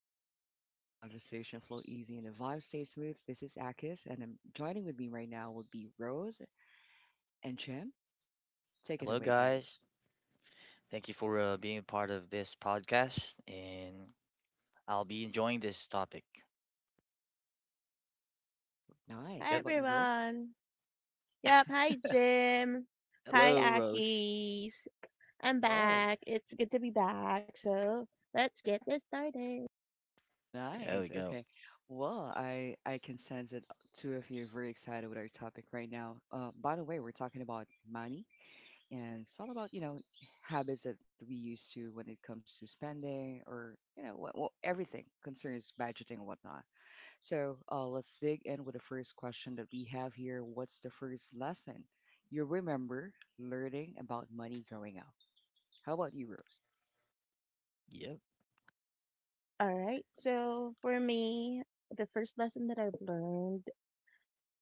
just tapped into a chill zone where conversation flow easy and the vibe stay smooth. This is Akis, and I'm joining with me right now would be Rose and Jim. Take it Hello, away, guys. guys. Thank you for being a part of this podcast, and I'll be enjoying this topic. Nice. Hi How Yep. about you, Rose? everyone. Yep, hi Jim. Hi Hello, Rose. Akis. I'm Hello. back. It's good to be back. So let's get this started. There we Nice. go. Okay. Well, I can sense that two of you are very excited with our topic right now. By the way, we're talking about money, and it's all about habits that we used to when it comes to spending or what, everything concerns budgeting and whatnot. So let's dig in with the first question that we have here. What's the first lesson you remember learning about money growing up? How about you, Rose? Yep. Alright, so for me, the first lesson that I've learned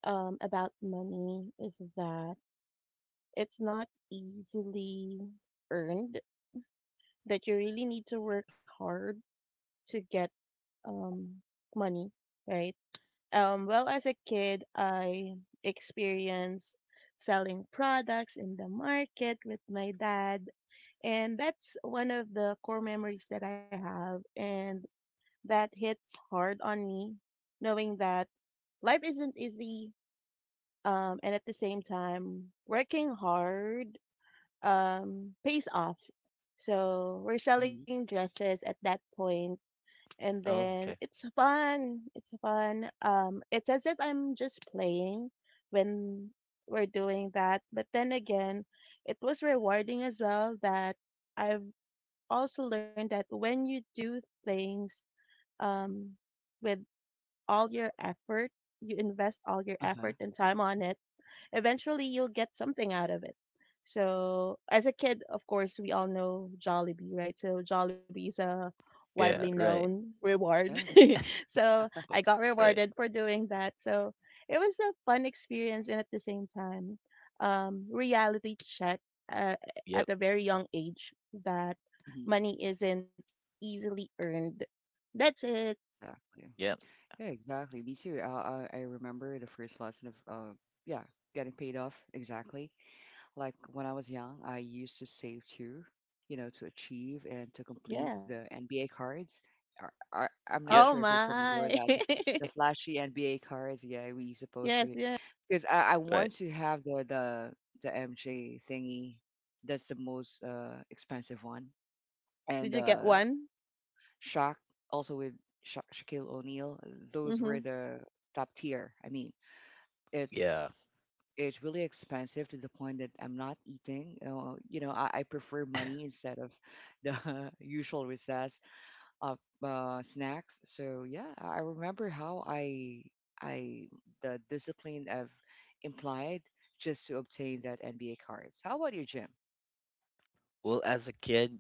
about money is that it's not easily earned, that you really need to work hard to get um, money, right? Well, as a kid, I experienced selling products in the market with my dad, and that's one of the core memories that I have, and that hits hard on me, knowing that life isn't easy, and at the same time, working hard pays off. So we're Mm-hmm. selling dresses at that point and Oh, then okay. it's fun. It's fun. It's as if I'm just playing when we're doing that. But then again, it was rewarding as well that I've also learned that when you do things um, with all your effort, you invest all your Uh-huh. effort and time on it, eventually you'll get something out of it. So, as a kid, of course, we all know Jollibee, right? So, Jollibee is a widely Yeah, right. known reward. Yeah. So, I Oh, got right. rewarded for doing that. So, it was a fun experience and at the same time, reality check uh, Yep. at a very young age that Mm-hmm. money isn't easily earned. That's it. Exactly. Yep. Yeah, exactly. Me too. I remember the first lesson of, yeah, getting paid off. Exactly. Like when I was young, I used to save too, to achieve and to complete Yeah. the NBA cards. I'm not Yep. Oh sure if you're familiar with my. that. The flashy NBA cards, yeah, we supposed Yes, to, yeah. because I Right. want to have the MJ thingy. That's the most expensive one, and Did you get one? Shaq also with Shaquille O'Neal. Those were Mm-hmm. the top tier. I mean, it's Yeah. it's really expensive to the point that I'm not eating. You know, I prefer money instead of the usual recess of snacks. So yeah, I remember how I the discipline I've implied just to obtain that NBA cards. How about you, Jim? Well, as a kid,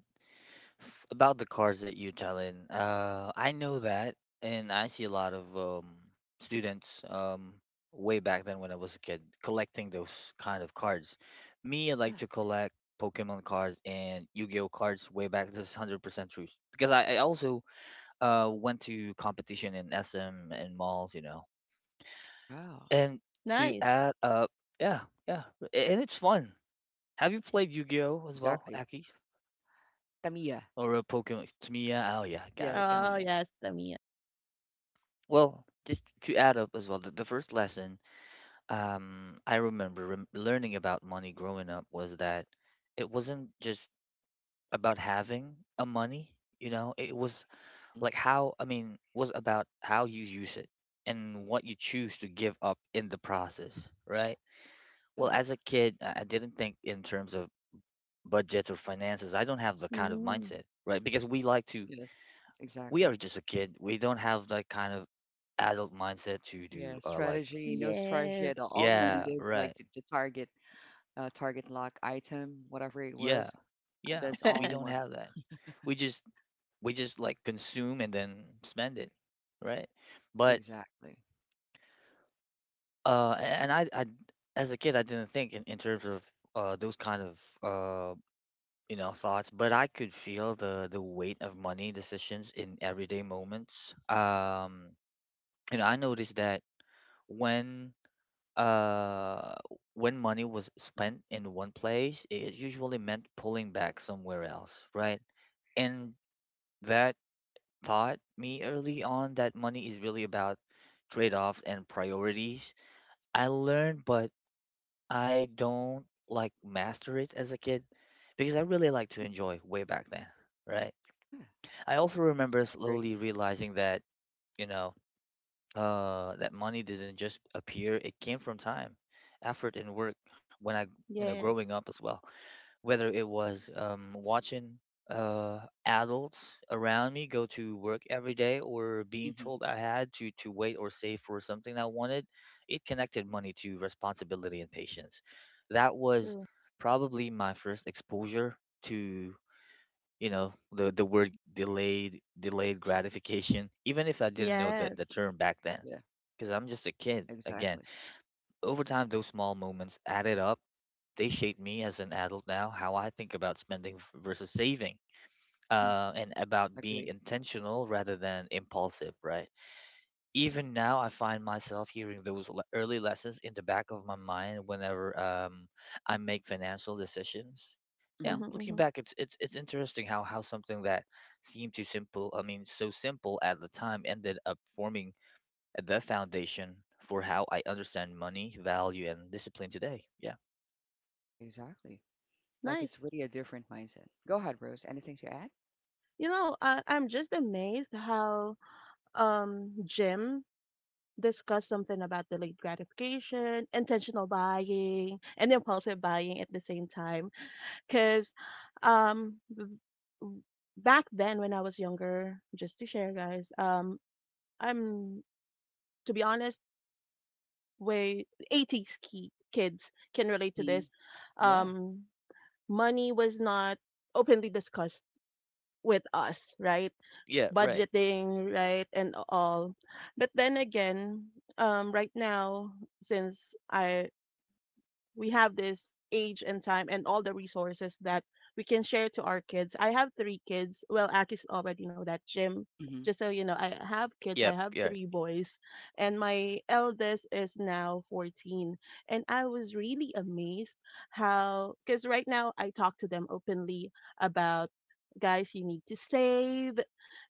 About the cars that you're telling, I know that, and I see a lot of students way back then when I was a kid collecting those kind of cards. Me, I like Yeah. to collect Pokemon cards and Yu-Gi-Oh cards way back. This is 100% true because I also went to competition in SM and malls, you know. Wow. And to Nice. add up, yeah, yeah, and it's fun. Have you played Yu-Gi-Oh as well, Exactly. Aki? Tamiya. Or a Pokemon? Tamiya? Oh yeah, got Yeah, it, got it. Oh, Tamiya. yes, Tamiya. Well, just to add up as well, the first lesson I remember learning about money growing up was that it wasn't just about having a money, you know, it was Hmm. like how, I mean, was about how you use it and what you choose to give up in the process, right? Yeah. Well, as a kid, I didn't think in terms of budgets or finances. I don't have the kind of Mm, mindset, right? Because Yes. we are Exactly. just a kid. We don't have that kind of adult mindset to Yeah. do like, Strategy. No strategy at yes. all. All you need yeah, is like right. the target target lock item, whatever it Yeah, was. Yeah. That's all We we don't want. have that. We just we just like consume and then spend it, right? But Exactly. A- and I as a kid, I didn't think in, terms of those kind of uh you know thoughts, but I could feel the weight of money decisions in everyday moments. And I noticed that when uh when money was spent in one place, it usually meant pulling back somewhere else, right? and That taught me early on that money is really about trade offs and priorities. I learned, but I don't like master it as a kid because I really like to Hmm. enjoy way back then, right? Yeah, I also remember I agree. slowly realizing that, you know, that money didn't just appear, it came from time, effort, and work when you know, growing up Yes, as well. Whether it was watching uh, adults around me go to work every day or being Hmm. told I had to wait or save for something I wanted, it connected money to responsibility and patience. That was true. probably my first exposure to, you know, the word delayed gratification even if I didn't know the Yes. term back then Yeah, because I'm just a kid again. exactly. Over time those small moments added up. They shaped me as an adult now, how I think about spending versus saving, Hmm. And about being Agree. intentional rather than impulsive, right? Even now, I find myself hearing those early lessons in the back of my mind whenever I make financial decisions. Hmm, Yeah, Hmm. looking hmm. back, it's interesting how something that seemed too simple, I mean, so simple at the time, ended up forming the foundation for how I understand money, value, and discipline today. Yeah. Exactly. Like it's Nice. really a different mindset. Go ahead, Rose. Anything to add? You know, I'm just amazed how Jim discussed something about delayed gratification, intentional buying, and impulsive buying at the same time. Because um v- w- back then when I was younger, just to share, guys, I'm, to be honest, way 80s kids can relate to Hmm. this. Yeah. um Money was not openly discussed with us, right? Yeah, right. Budgeting, right? And all. But then again, right now, since I we have this age and time and all the resources that we can share to our kids. I have three kids. Well, Aki's already know that, Jim. Hmm. Just so you know, I have kids. I Yep. have Yeah. three boys, and my eldest is now 14. And I was really amazed how, because right now I talk to them openly about, guys, you need to save.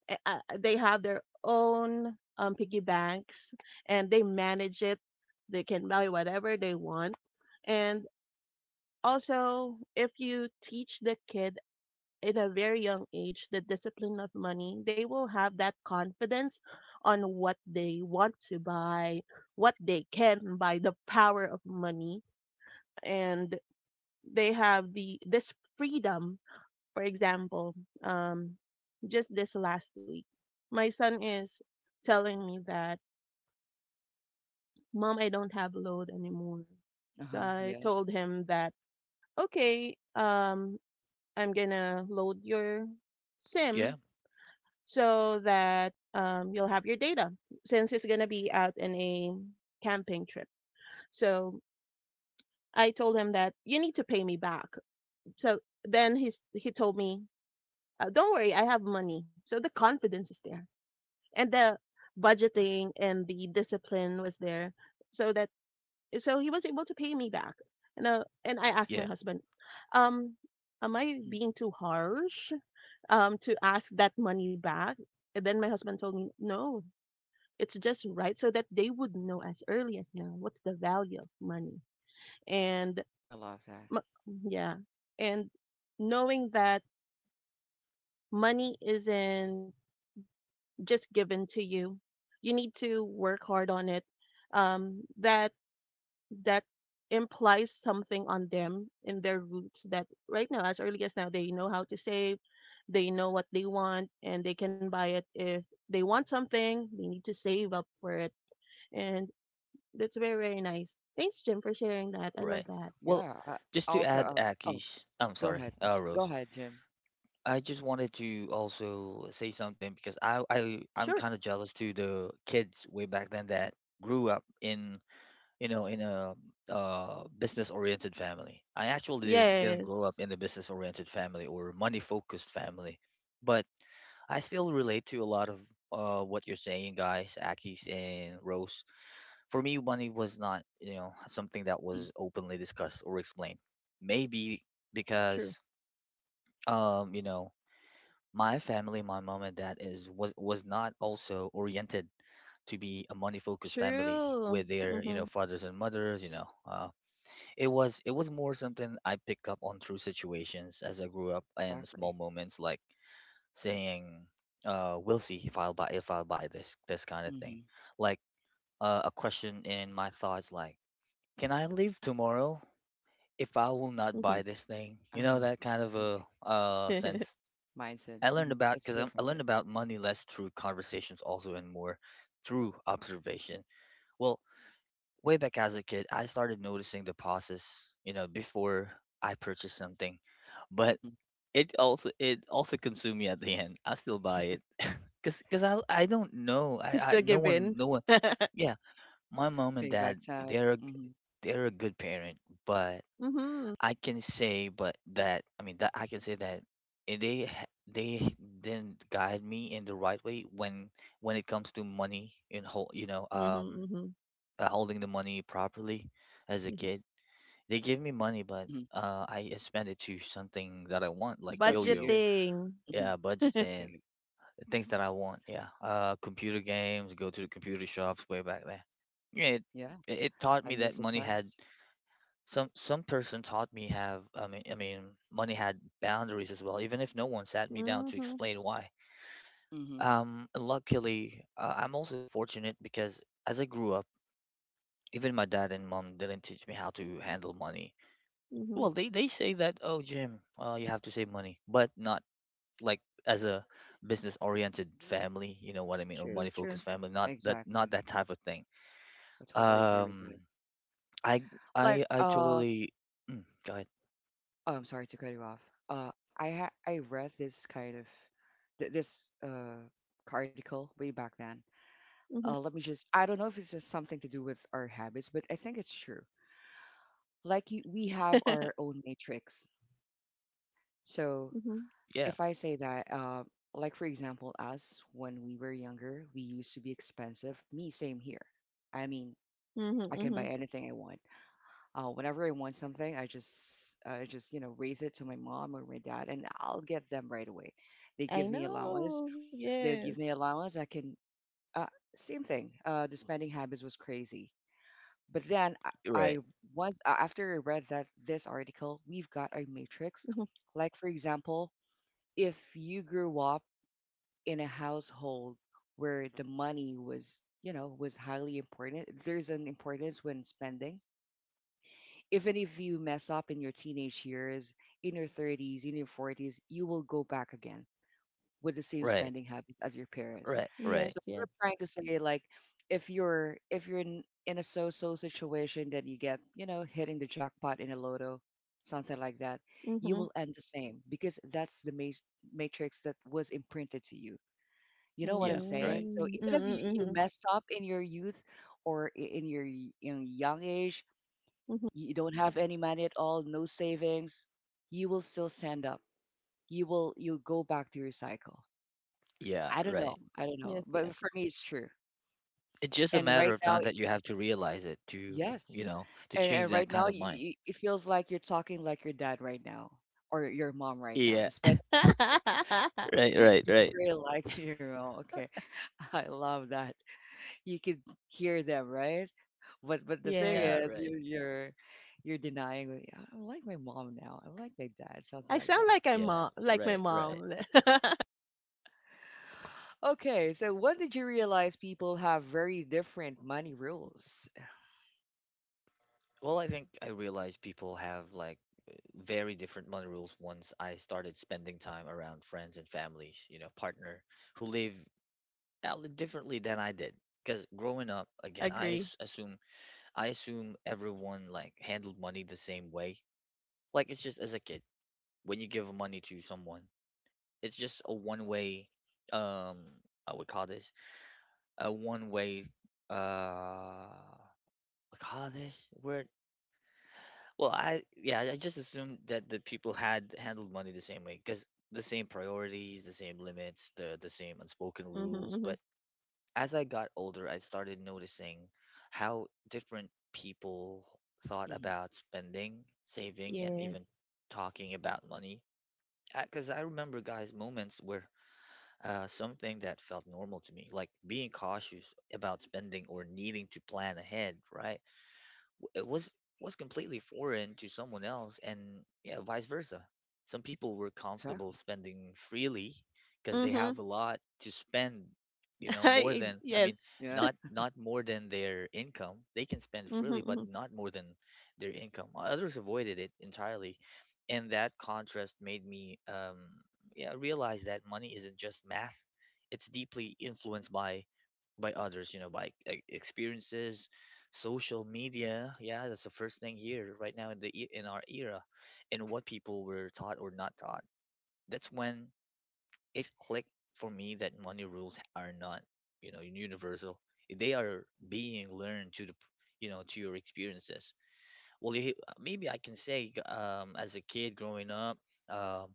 They have their own piggy banks, and they manage it. They can buy whatever they want and also, if you teach the kid in a very young age the discipline of money, they will have that confidence on what they want to buy, what they can buy, the power of money, and they have the this freedom. For example, um, just this last week, my son is telling me that, "Mom, I don't have load anymore." So Uh-huh. I Yeah. told him that okay, I'm gonna load your Yeah, SIM so that you'll have your data since it's gonna be out in a camping trip. So I told him that you need to pay me back. So then he told me, don't worry, I have money. So the confidence is there, and the budgeting and the discipline was there, so that he was able to pay me back. And I asked yeah, my husband, um, am I Hmm. being too harsh? To ask that money back? And then my husband told me no, it's just right, so that they would know as early as now what's the value of money. And I love that. m- yeah, and knowing that money isn't just given to you, you need to work hard on it. Um that that implies something on them in their roots, that right now as early as now they know how to save. They know what they want and they can buy it. If they want something, they need to save up for it. And that's very, very nice. Thanks, Jim, for sharing that. I love right. that. Well, Yeah. I, just to also, add, oh, Akish, I'm go sorry, ahead. Go Rose. ahead, Jim. I just wanted to also say something because I'm Sure. kind of jealous to the kids way back then that grew up in, you know, in a business-oriented family. I actually didn't grow up Yes. in a business-oriented family or money-focused family, but I still relate to a lot of what you're saying, guys, Akish and Rose. For me, money was not, you know, something that Hmm. was openly discussed or explained. Maybe True, because, you know, my family, my mom and dad is was not also oriented to be a money-focused family true. with their, you know, Mm-hmm, fathers and mothers. You know, it was more something I picked up on through situations as I grew up and small Exactly. moments like saying, "We'll see if I'll buy this kind of thing," Hmm. like a question in my thoughts like, can I leave tomorrow if I will not mm-hmm. buy this thing? You know, Uh-huh. that kind of Yeah. a sense. Mindset. I learned Hmm. about It's because I different. learned about money less through conversations also and more through observation. Well, way back as a kid, I started noticing the pauses, you know, before I purchase something, but Mm-hmm. it also consumed me at the end. I still buy it because I don't know It's I the no one given. no one Yeah, my mom and Payback dad, time. they're a g- Hmm. they're a good parent, but Mm-hmm, I can say, but that I mean that I can say that and they ha- they didn't guide me in the right way when it comes to money and mm-hmm, holding the money properly as a mm-hmm. kid. They give me money, but Mhm. I spend it to something that I It's up want, to like you. yo-yo. Mhm. Budgeting. Yeah, It's up to you. budgeting, the things that I want. Yeah, computer games, go to the computer shops way back there. Yeah, it, Yeah, it taught I me miss that the money had times. Some person taught me have I mean money had boundaries as well, even if no one sat me down to Mm-hmm, explain why. Mhm. Luckily, I'm also fortunate because as I grew up, even my dad and mom didn't teach me how to handle money. mm-hmm. Well, they say that, oh Jim, you have to save money, but not like as a business oriented family, you know what I mean, or True, money true. focused family, not Exactly. that type of thing. I totally agree with Um, that. I Like, I uh, totally go ahead. oh, I'm sorry to cut you off. I read this kind of th this article way back then. Mm-hmm. Let me just, I don't know if it's just something to do with our habits, but I think it's true. Like, we have our own matrix. So Mhm. Yeah, if I say that, like for example, us when we were younger, we used to be expensive. Me, same here. I mean, Mhm, I can buy mhm. anything I want. Whenever I want something, I just raise it to my mom or my dad, and I'll get them right away. They I give me allowance. know. They'll Yes. give me allowance. I can. Uh, same thing. The spending habits was crazy. But then I right, once after I read that this article, we've got a matrix. Mhm. Like for example, if you grew up in a household where the money was was highly important, there's an importance when spending. Even if you mess up in your teenage years, in your 30s, in your 40s, you will go back again with the same right. spending habits as your parents. Right, right. So Yes, what I'm yes. trying to say, like, if you're in a so-so situation that you get hitting the jackpot in a lotto, something like that, you Mhm. will end the same because that's the matrix that was imprinted to you. You know what I'm Yeah, right. saying? Mm. Mm, So even if you mhm, messed up in your youth or in young age, mhm. you don't have any money at all, no savings, you will still stand up. You will, you'll go back to your cycle. Yeah, I don't know. right. I don't Yes, know. yes. But for me, it's true. It's just a And matter right of now, time that you have to realize it to, yes. you know, to change And that right kind now, of mind. It feels like you're talking like your dad right now or your mom right now. Yeah, Despite the fact right, right, is right. very like to you. Know. Okay, I love that. You could hear them, right? But the thing Yes. Yeah, is, right. you're you're denying. Like, "Yeah, I- I'm like my mom now. I'm like my dad." Sounds I like sound that. like I Yeah, mom, like my right, right. mom. Okay, so when did you realize people have very different money rules? Well, I think I realized people have like very different money rules once I started spending time around friends and families, you know, partner who live out differently than I did. Because growing up, again, Agree. Assume, I assume everyone like handled money the same way. Like it's just as a kid when you give money to someone. It's just a one way, um, I would call this a one way, uh, what call this word? Well, I, yeah, I just assumed that the people had handled money the same way because the same priorities, the same limits, the same unspoken Mhm, rules. But mhm. as I got older, I started noticing how different people thought Hmm. about spending, saving, and even Yes. talking about money. Because I remember, guys, moments where something that felt normal to me, like being cautious about spending or needing to plan ahead, right? it Was completely foreign to someone else, and yeah, vice versa. Some people were Exactly. comfortable spending freely because they Mhm. have a lot to spend, you know, more than, Hmm. I Yes. mean, Yeah. not not more than their income, they can spend Mhm, freely but mhm. not more than their income. Others avoided it entirely, and that contrast made me yeah, realize that money isn't just math, it's deeply influenced by others, you know, by like, experiences, social media. Yeah, that's the first thing here right now in in our era, and what people were taught or not taught. That's when it clicked for me that money rules are not, you know, universal. They are being learned to you know, to your experiences. Well, you, maybe I can say as a kid growing up, um,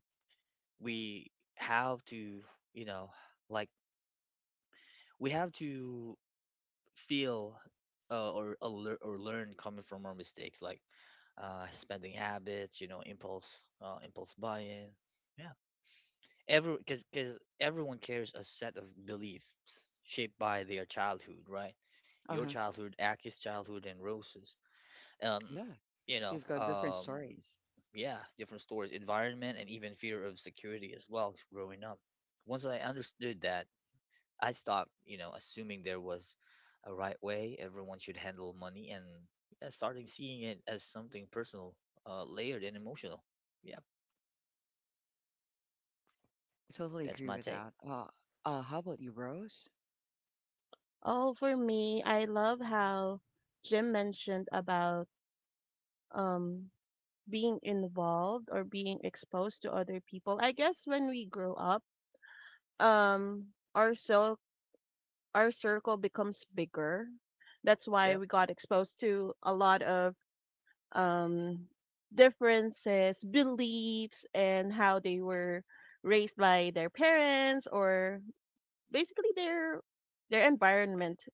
we have to, you know, like we have to feel or or learn coming from our mistakes, like spending habits, you know, impulse buying. Every, because everyone carries a set of beliefs shaped by their childhood, right? Uh Your huh. childhood, Aki's childhood, and Rose's. Um, Yeah. you know, You've got different um, stories. yeah, different stories, environment, and even fear of security as well. Growing up, once I understood that, I stopped, you know, assuming there was a right way everyone should handle money, and yeah, starting seeing it as something personal, layered and emotional. Yeah, I totally that's agree my with take. that. How about you, Rose? Oh, for me, I love how Jim mentioned about um being involved or being exposed to other people. I guess when we grow up, um, our cir- our circle becomes bigger. That's why Yep, we got exposed to a lot of um, differences, beliefs, and how they were raised by their parents or basically their environment.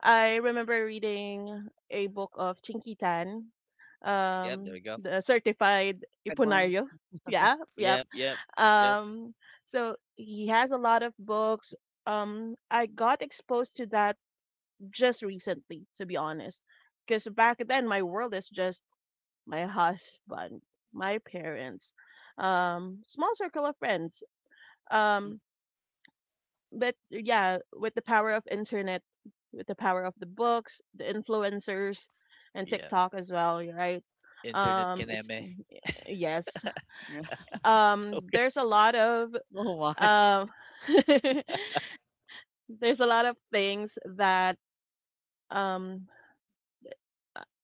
I remember reading a book of Chinky, yep, there we go. the certified The red one. Ipunario. Yeah, yep. Yep, yep, yep, Um, so he has a lot of books. I got exposed to that just recently, to be honest, because back then my world is just my husband, my parents, small circle of friends. Hmm. Um, but yeah, with the power of internet, with the power of the books, the influencers, and yep. TikTok as well, you're right? Internet It's Kaname. yes. Yeah. Okay. There's a lot of Oh my. um, there's a lot of things that um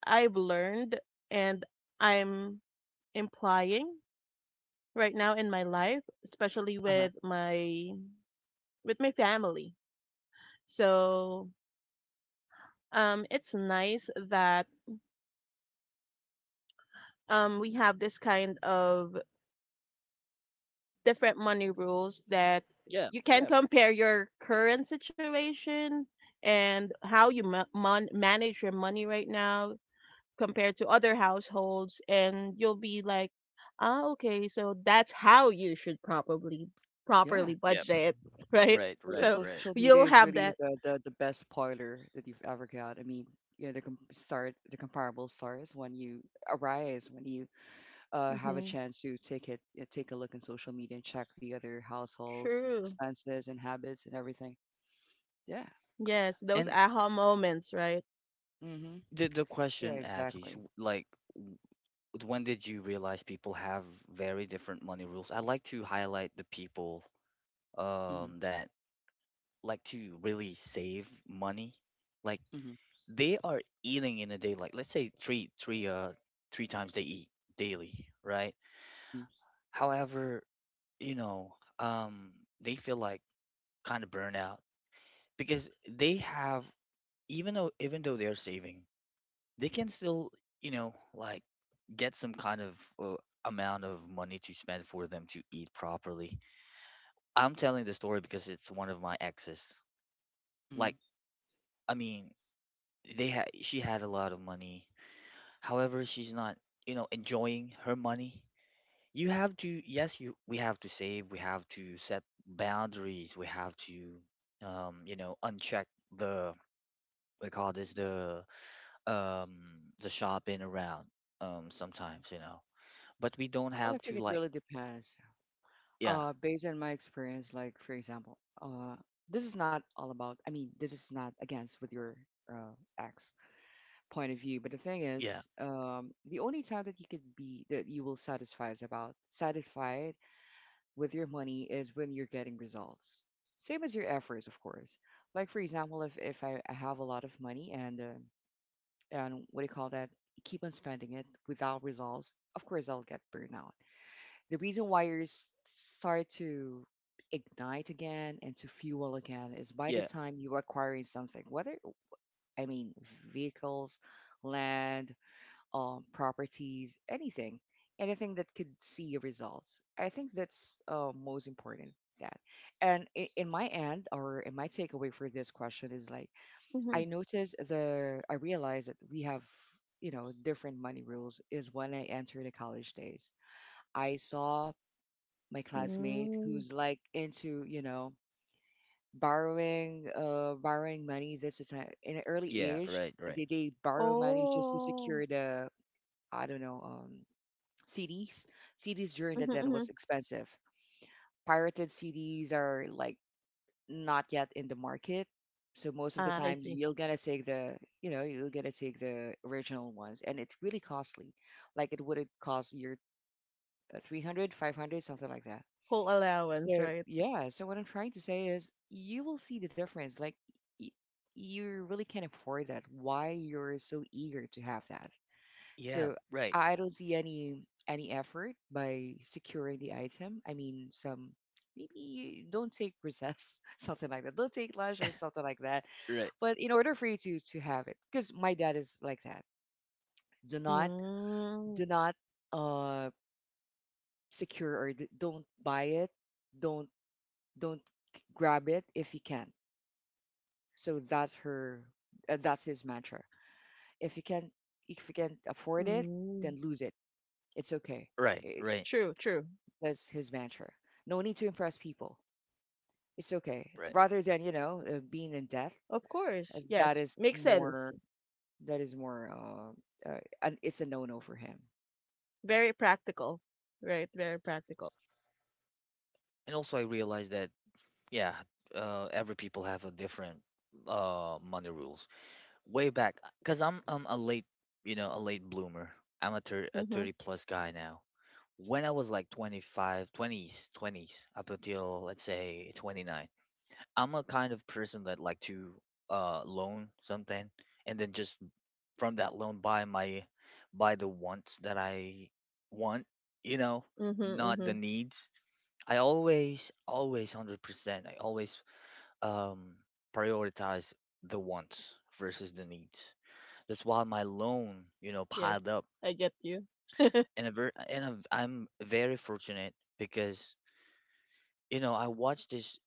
I've learned and I'm implying right now in my life, especially Uh with huh. My family. So it's nice that we have this kind of different money rules, that Yeah, you can yeah, compare your current situation and how you manage your money right now compared to other households and you'll be like, ah, okay, so that's how you should probably properly Yeah. yeah. budget. Right? Right, So right, So right. social media you'll is have really that. the, the best spoiler that you've ever got. I mean, you know, the start the comparable stars when you arise, when you have a Hmm. chance to take it, you know, take a look in social media and check the other households' True. expenses and habits and everything. Yeah. Yes, those And aha moments, right? Mm-hmm. the Yeah. question, Aki, is Exactly. Like w- when did you realize people have very different money rules? I'd like to highlight the people Mm-hmm. That like to really save money, like Mm-hmm. they are eating in a day, like let's say three times they eat daily, right? Mm-hmm. However, you know um they feel like kind of burnout because they have, even though they're saving, they can still, you know like get some kind of uh, amount of money to spend for them to eat properly. I'm telling the story because it's one of my exes. like Mm-hmm. i mean they had she had a lot of money. However, she's not, enjoying her money. You have to, yes, you we have to save, we have to set boundaries, we have to, uncheck the we call this um the shopping around Hmm. sometimes, But we don't Well, I have think to, it like, really depends. yeah, Based on my experience, like for example, this is not all about. I mean, this is not against with your uh, ex point of view. But the thing yeah, is, the only time that you could be that you will satisfy is about satisfied with your money is when you're getting results. Same as your efforts, of course. Like for example, if I have a lot of money and what do you call that, keep on spending it without results, of course I'll get burnout. The reason why you start to ignite again and to fuel again is by the yeah, time you're acquiring something, whether I mean vehicles, land, properties, anything, anything that could see your results. I think that's most important. That and in my end or in my takeaway for this question is like Mm-hmm. I noticed the I realized that we have different money rules is when I entered the college days. I saw my classmate Mm. who's like into borrowing money. This is in an early yeah, age. right, right, They borrow money just to Oh. secure the I don't know CDs. CDs during the then Hmm. was expensive. Pirated CDs are like not yet in the market. So most of the Ah, I time see. you're gonna take the you know, you're gonna take the original ones, and it's really costly. Like it would cost your 300, something like that. Whole allowance, So right? yeah, so what I'm trying to say is you will see the difference. Like y- you really can't afford that. Why you're so eager to have that? yeah, So right, I don't see any effort by securing the item. I mean, some maybe you don't take recess, something like that. Don't take lunch or something like that. right, But in order for you to have it, because my dad is like that. Do not Mm, do not uh don't buy it. Don't don't grab it if you can. So that's her. That's his mantra. If you can afford it, mm. then lose it. It's okay. right, Eh, right, True, true. that's his mantra. No need to impress people. It's okay. right. Rather than, you know, being in debt, Of uh, course. that Yes. is Makes sense. more, that is more, and it's a no-no for him. Very practical. Right, very practical. And also, I realized that, yeah, every people have a different money rules way back, because I'm a late, a late bloomer. I'm a Mm-hmm. 30 plus guy now. When I was like 25, 20s up until let's say 29, I'm a kind of person that like to loan something and then just from that loan buy the wants that I want, you know Mm-hmm. not Mm-hmm. the needs. I always, always, 100%. I always um, prioritize the wants versus the needs. That's why my loan, you know, Yes. piled up. I get you. And a ver- and a, I'm very fortunate because, you know, I watched this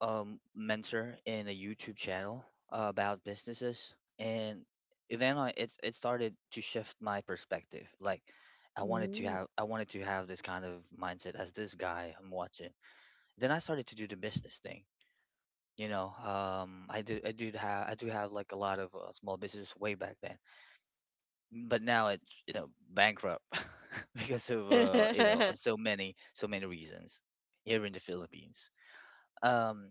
mentor in a YouTube channel about businesses, and then it started to shift my perspective. Like, Mm. I wanted to have this kind of mindset as this guy I'm watching. Then I started to do the business thing. I do have like a lot of small business way back then, but now it's, you know, bankrupt because of, you know, so many reasons here in the Philippines. um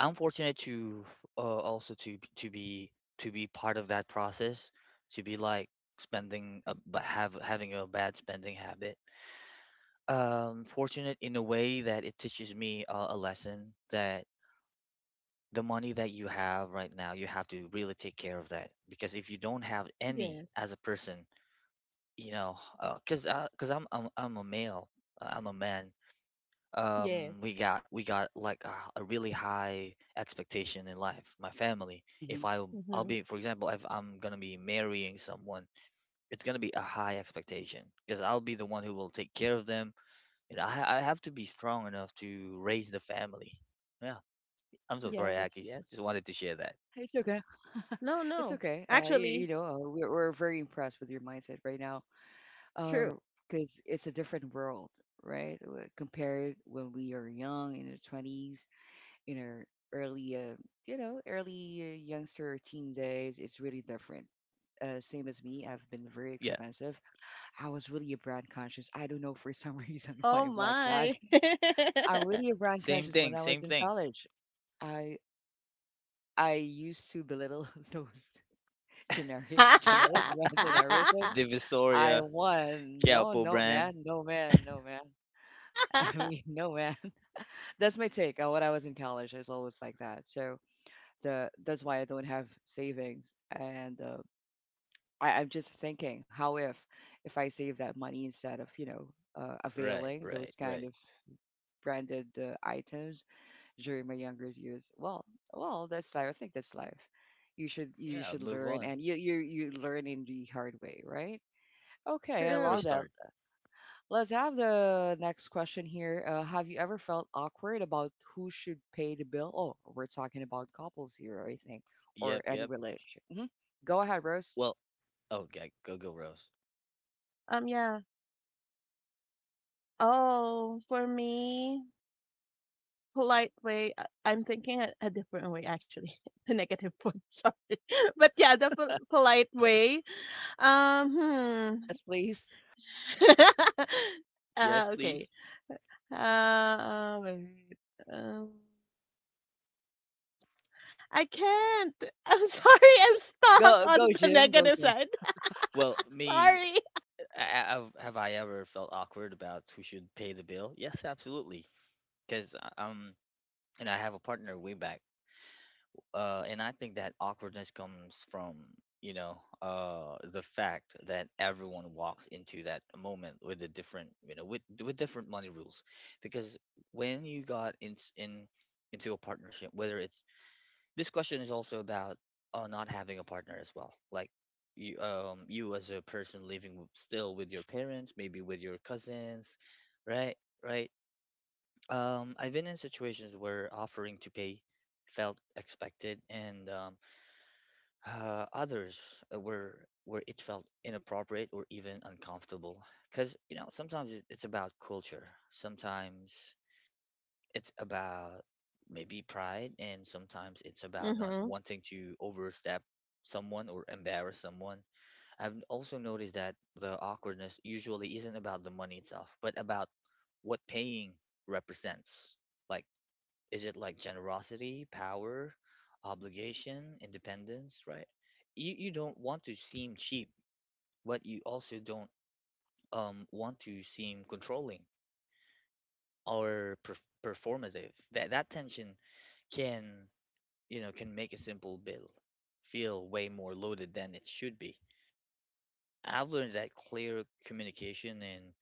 I'm fortunate to also to be, to be part of that process, to be like spending a, b- have having a bad spending habit. Fortunate in a way that it teaches me a lesson that the money that you have right now, you have to really take care of that, because if you don't have any Yes. as a person, you know, because I'm a male, I'm a man. We Yes. got we got like a really high expectation in life. My family, if I Hmm. I'll Mm-hmm. be, for example, if I'm gonna be marrying someone, it's gonna be a high expectation because I'll be the one who will take care of them. You know, I have to be strong enough to raise the family. Yeah, I'm so Yeah, sorry, Yes, Akis. yes. Just wanted to share that. it's okay. No, It's no. okay. You know, Actually, we're very impressed with your mindset right now. Uh, true. because it's a different world, right? Compared when we are young in the 20s, you know early uh, you know, early youngster or teen days, it's really different. Uh, same as me, I've been very Yeah. expensive. I was really a brand conscious. I don't know for some reason why Oh I'm like that. my. I'm really a brand Same conscious when thing, I same was in thing. college. I i used to belittle those generic brands and everything. I Divisoria, won no Quiapo no man, brand. no man, no man I mean, no man. That's my take on when I was in college. I was always like that, so the that's why I don't have savings. And I, I'm just thinking, how if I save that money instead of Right, availing right, those kind right. of branded items during my younger years? Well, well, that's life. I think that's life. You Yeah, I'll should move learn, on. and you learn in the hard way, right? Okay, I Like, True. love that. restart. Let's have the next question here. Have you ever felt awkward about who should pay the bill? Oh, we're talking about couples here, I think, or Yep, any yep. relationship. Hmm. Go ahead, Rose. Well, oh, okay, go, go, Rose. Yeah. Oh, for me, polite way, I'm thinking a different way actually. The negative one, sorry. But yeah, the polite way. Um, hmm. Yes, please. Yes, Okay. please. Wait. Um, I can't. I'm sorry, I'm stuck Go, on the Jim. Go, negative Jim. side. Well, me, Sorry. I ever felt awkward about who should pay the bill? Yes, absolutely. Because and I have a partner way back. And I think that awkwardness comes from, you know, the fact that everyone walks into that moment with a different, you know, with different money rules, because when you got in into a partnership, whether it's, this question is also about not having a partner as well, like you, you as a person living still with your parents, maybe with your cousins, right, right. I've been in situations where offering to pay felt expected, and others, where it felt inappropriate or even uncomfortable, because, you know, sometimes it's about culture, sometimes it's about maybe pride, and sometimes it's about not Mm-hmm. wanting to overstep someone or embarrass someone. I've also noticed that the awkwardness usually isn't about the money itself but about what paying represents, like, is it like generosity, power, obligation, independence, right? You don't want to seem cheap, but you also don't want to seem controlling or performative. That tension can, you know, can make a simple bill feel way more loaded than it should be. I've learned that clear communication and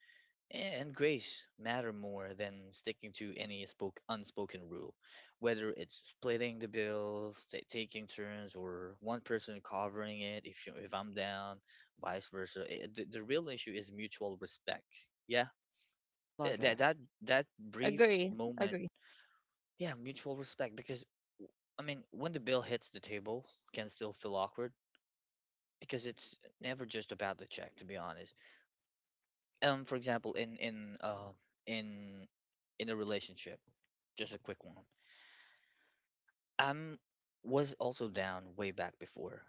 And grace matter more than sticking to any unspoken rule, whether it's splitting the bills, ta taking turns, or one person covering it, if you, if I'm down, vice versa. Eh, the real issue is mutual respect. Yeah, I eh, love that. That brief Agree. moment. Agree. Yeah, mutual respect because, I mean, when the bill hits the table, can still feel awkward because it's never just about the check, to be honest. For example, in in a relationship. Just a quick one. Um, was also down way back before.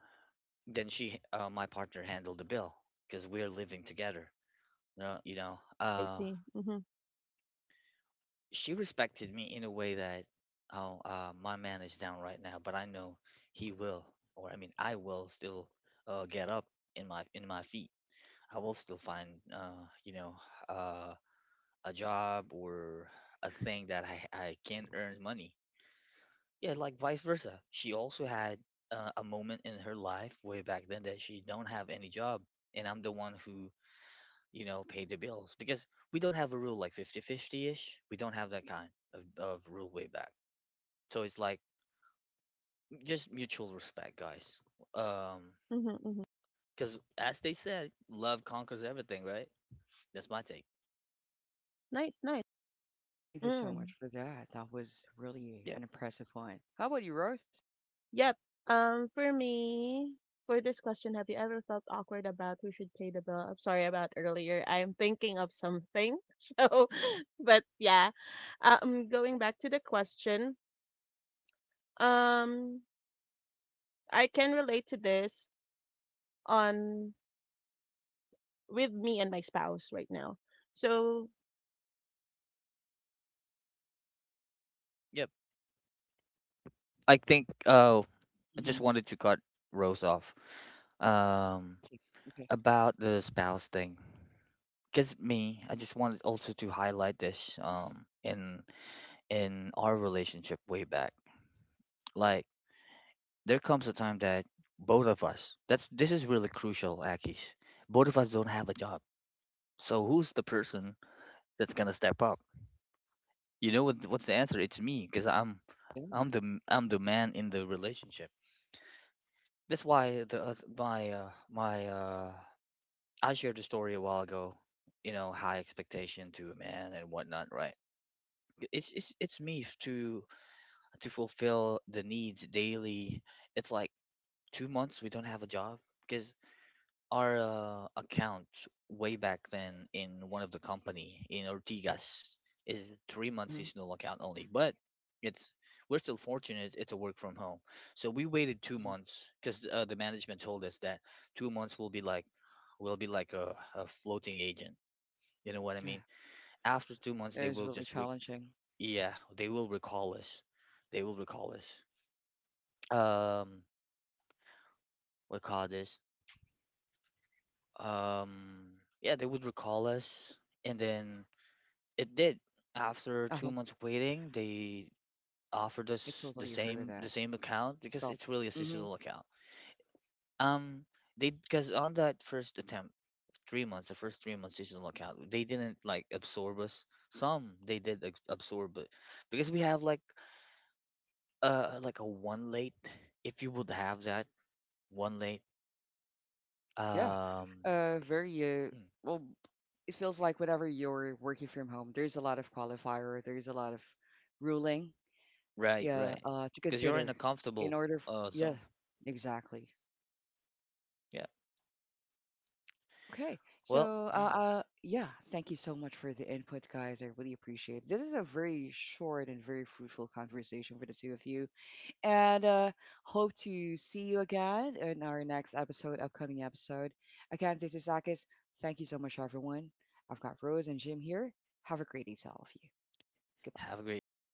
Then she, my partner, handled the bill because we're living together. You know, you know. I see. Mm-hmm. She respected me in a way that, oh, my man is down right now, but I know he will, or I mean, I will still get up in my feet. I will still find, you know, uh, a job or a thing that I can earn money. Yeah, like vice versa. She also had a moment in her life way back then that she don't have any job, and I'm the one who, you know, paid the bills because we don't have a rule like 50-50 ish. We don't have that kind of rule way back. So it's like just mutual respect, guys. Um, Mm-hmm. Mm-hmm. because as they said, love conquers everything, right? That's my take. Nice, nice. Thank you so much Mm. for that. That was really Yep. an impressive one. How about you, Rose? Yep. For me, for this question, have you ever felt awkward about who should pay the bill? I'm sorry about earlier. I'm thinking of something. So, but yeah. Going back to the question, um, I can relate to this on with me and my spouse right now. So Yep. I think. Oh, I Mm-hmm. just wanted to cut Rose off. Um, Okay. about the spouse thing. Because me, I just wanted also to highlight this in our relationship way back. Like, there comes a time that both of us, that's this is really crucial, Akish. Both of us don't have a job. So who's the person that's gonna step up? You know, what's the answer? It's me, because Yeah. I'm the, I'm the man in the relationship. That's why the oth- my my I shared the story a while ago. You know, high expectation to a man and whatnot, right? It's it's it's me f- to to fulfill the needs daily. It's like 2 months we don't have a job because our account way back then in one of the company in Ortigas is 3 months Mm-hmm. seasonal account only, but it's we're still fortunate, it's a work from home. So we waited two Mm-hmm. months because, the management told us that 2 months will be like, a floating agent, you know what I Yeah. mean? After 2 months, It they was will really just challenging. yeah, they will recall us. They will recall us. Um, what call this? Um, yeah, they would recall us, and then it did. After Uh-huh. 2 months waiting, they offered I us the totally agree with same, the that. same account because Felt. it's really a Mm-hmm. seasonal account. Um, they, because on that first attempt, 3 months, the first 3 months seasonal account, they didn't like absorb us. Some they did absorb, but because we have like a one late, if you would have that one late, Yeah. um Very mm, well. It feels like whenever you're working from home, there's a lot of qualifier, there's a lot of ruling, right, yeah, right, to because you're in consider a in comfortable order. Yeah, zone, exactly. yeah, Okay, well, so mm, yeah, thank you so much for the input, guys. I really appreciate it. This is a very short and very fruitful conversation for the two of you. And hope to see you again in our next episode, upcoming episode. Again, this is Akis. Thank you so much, everyone. I've got Rose and Jim here. Have a great day to all of you. Goodbye. have a great day.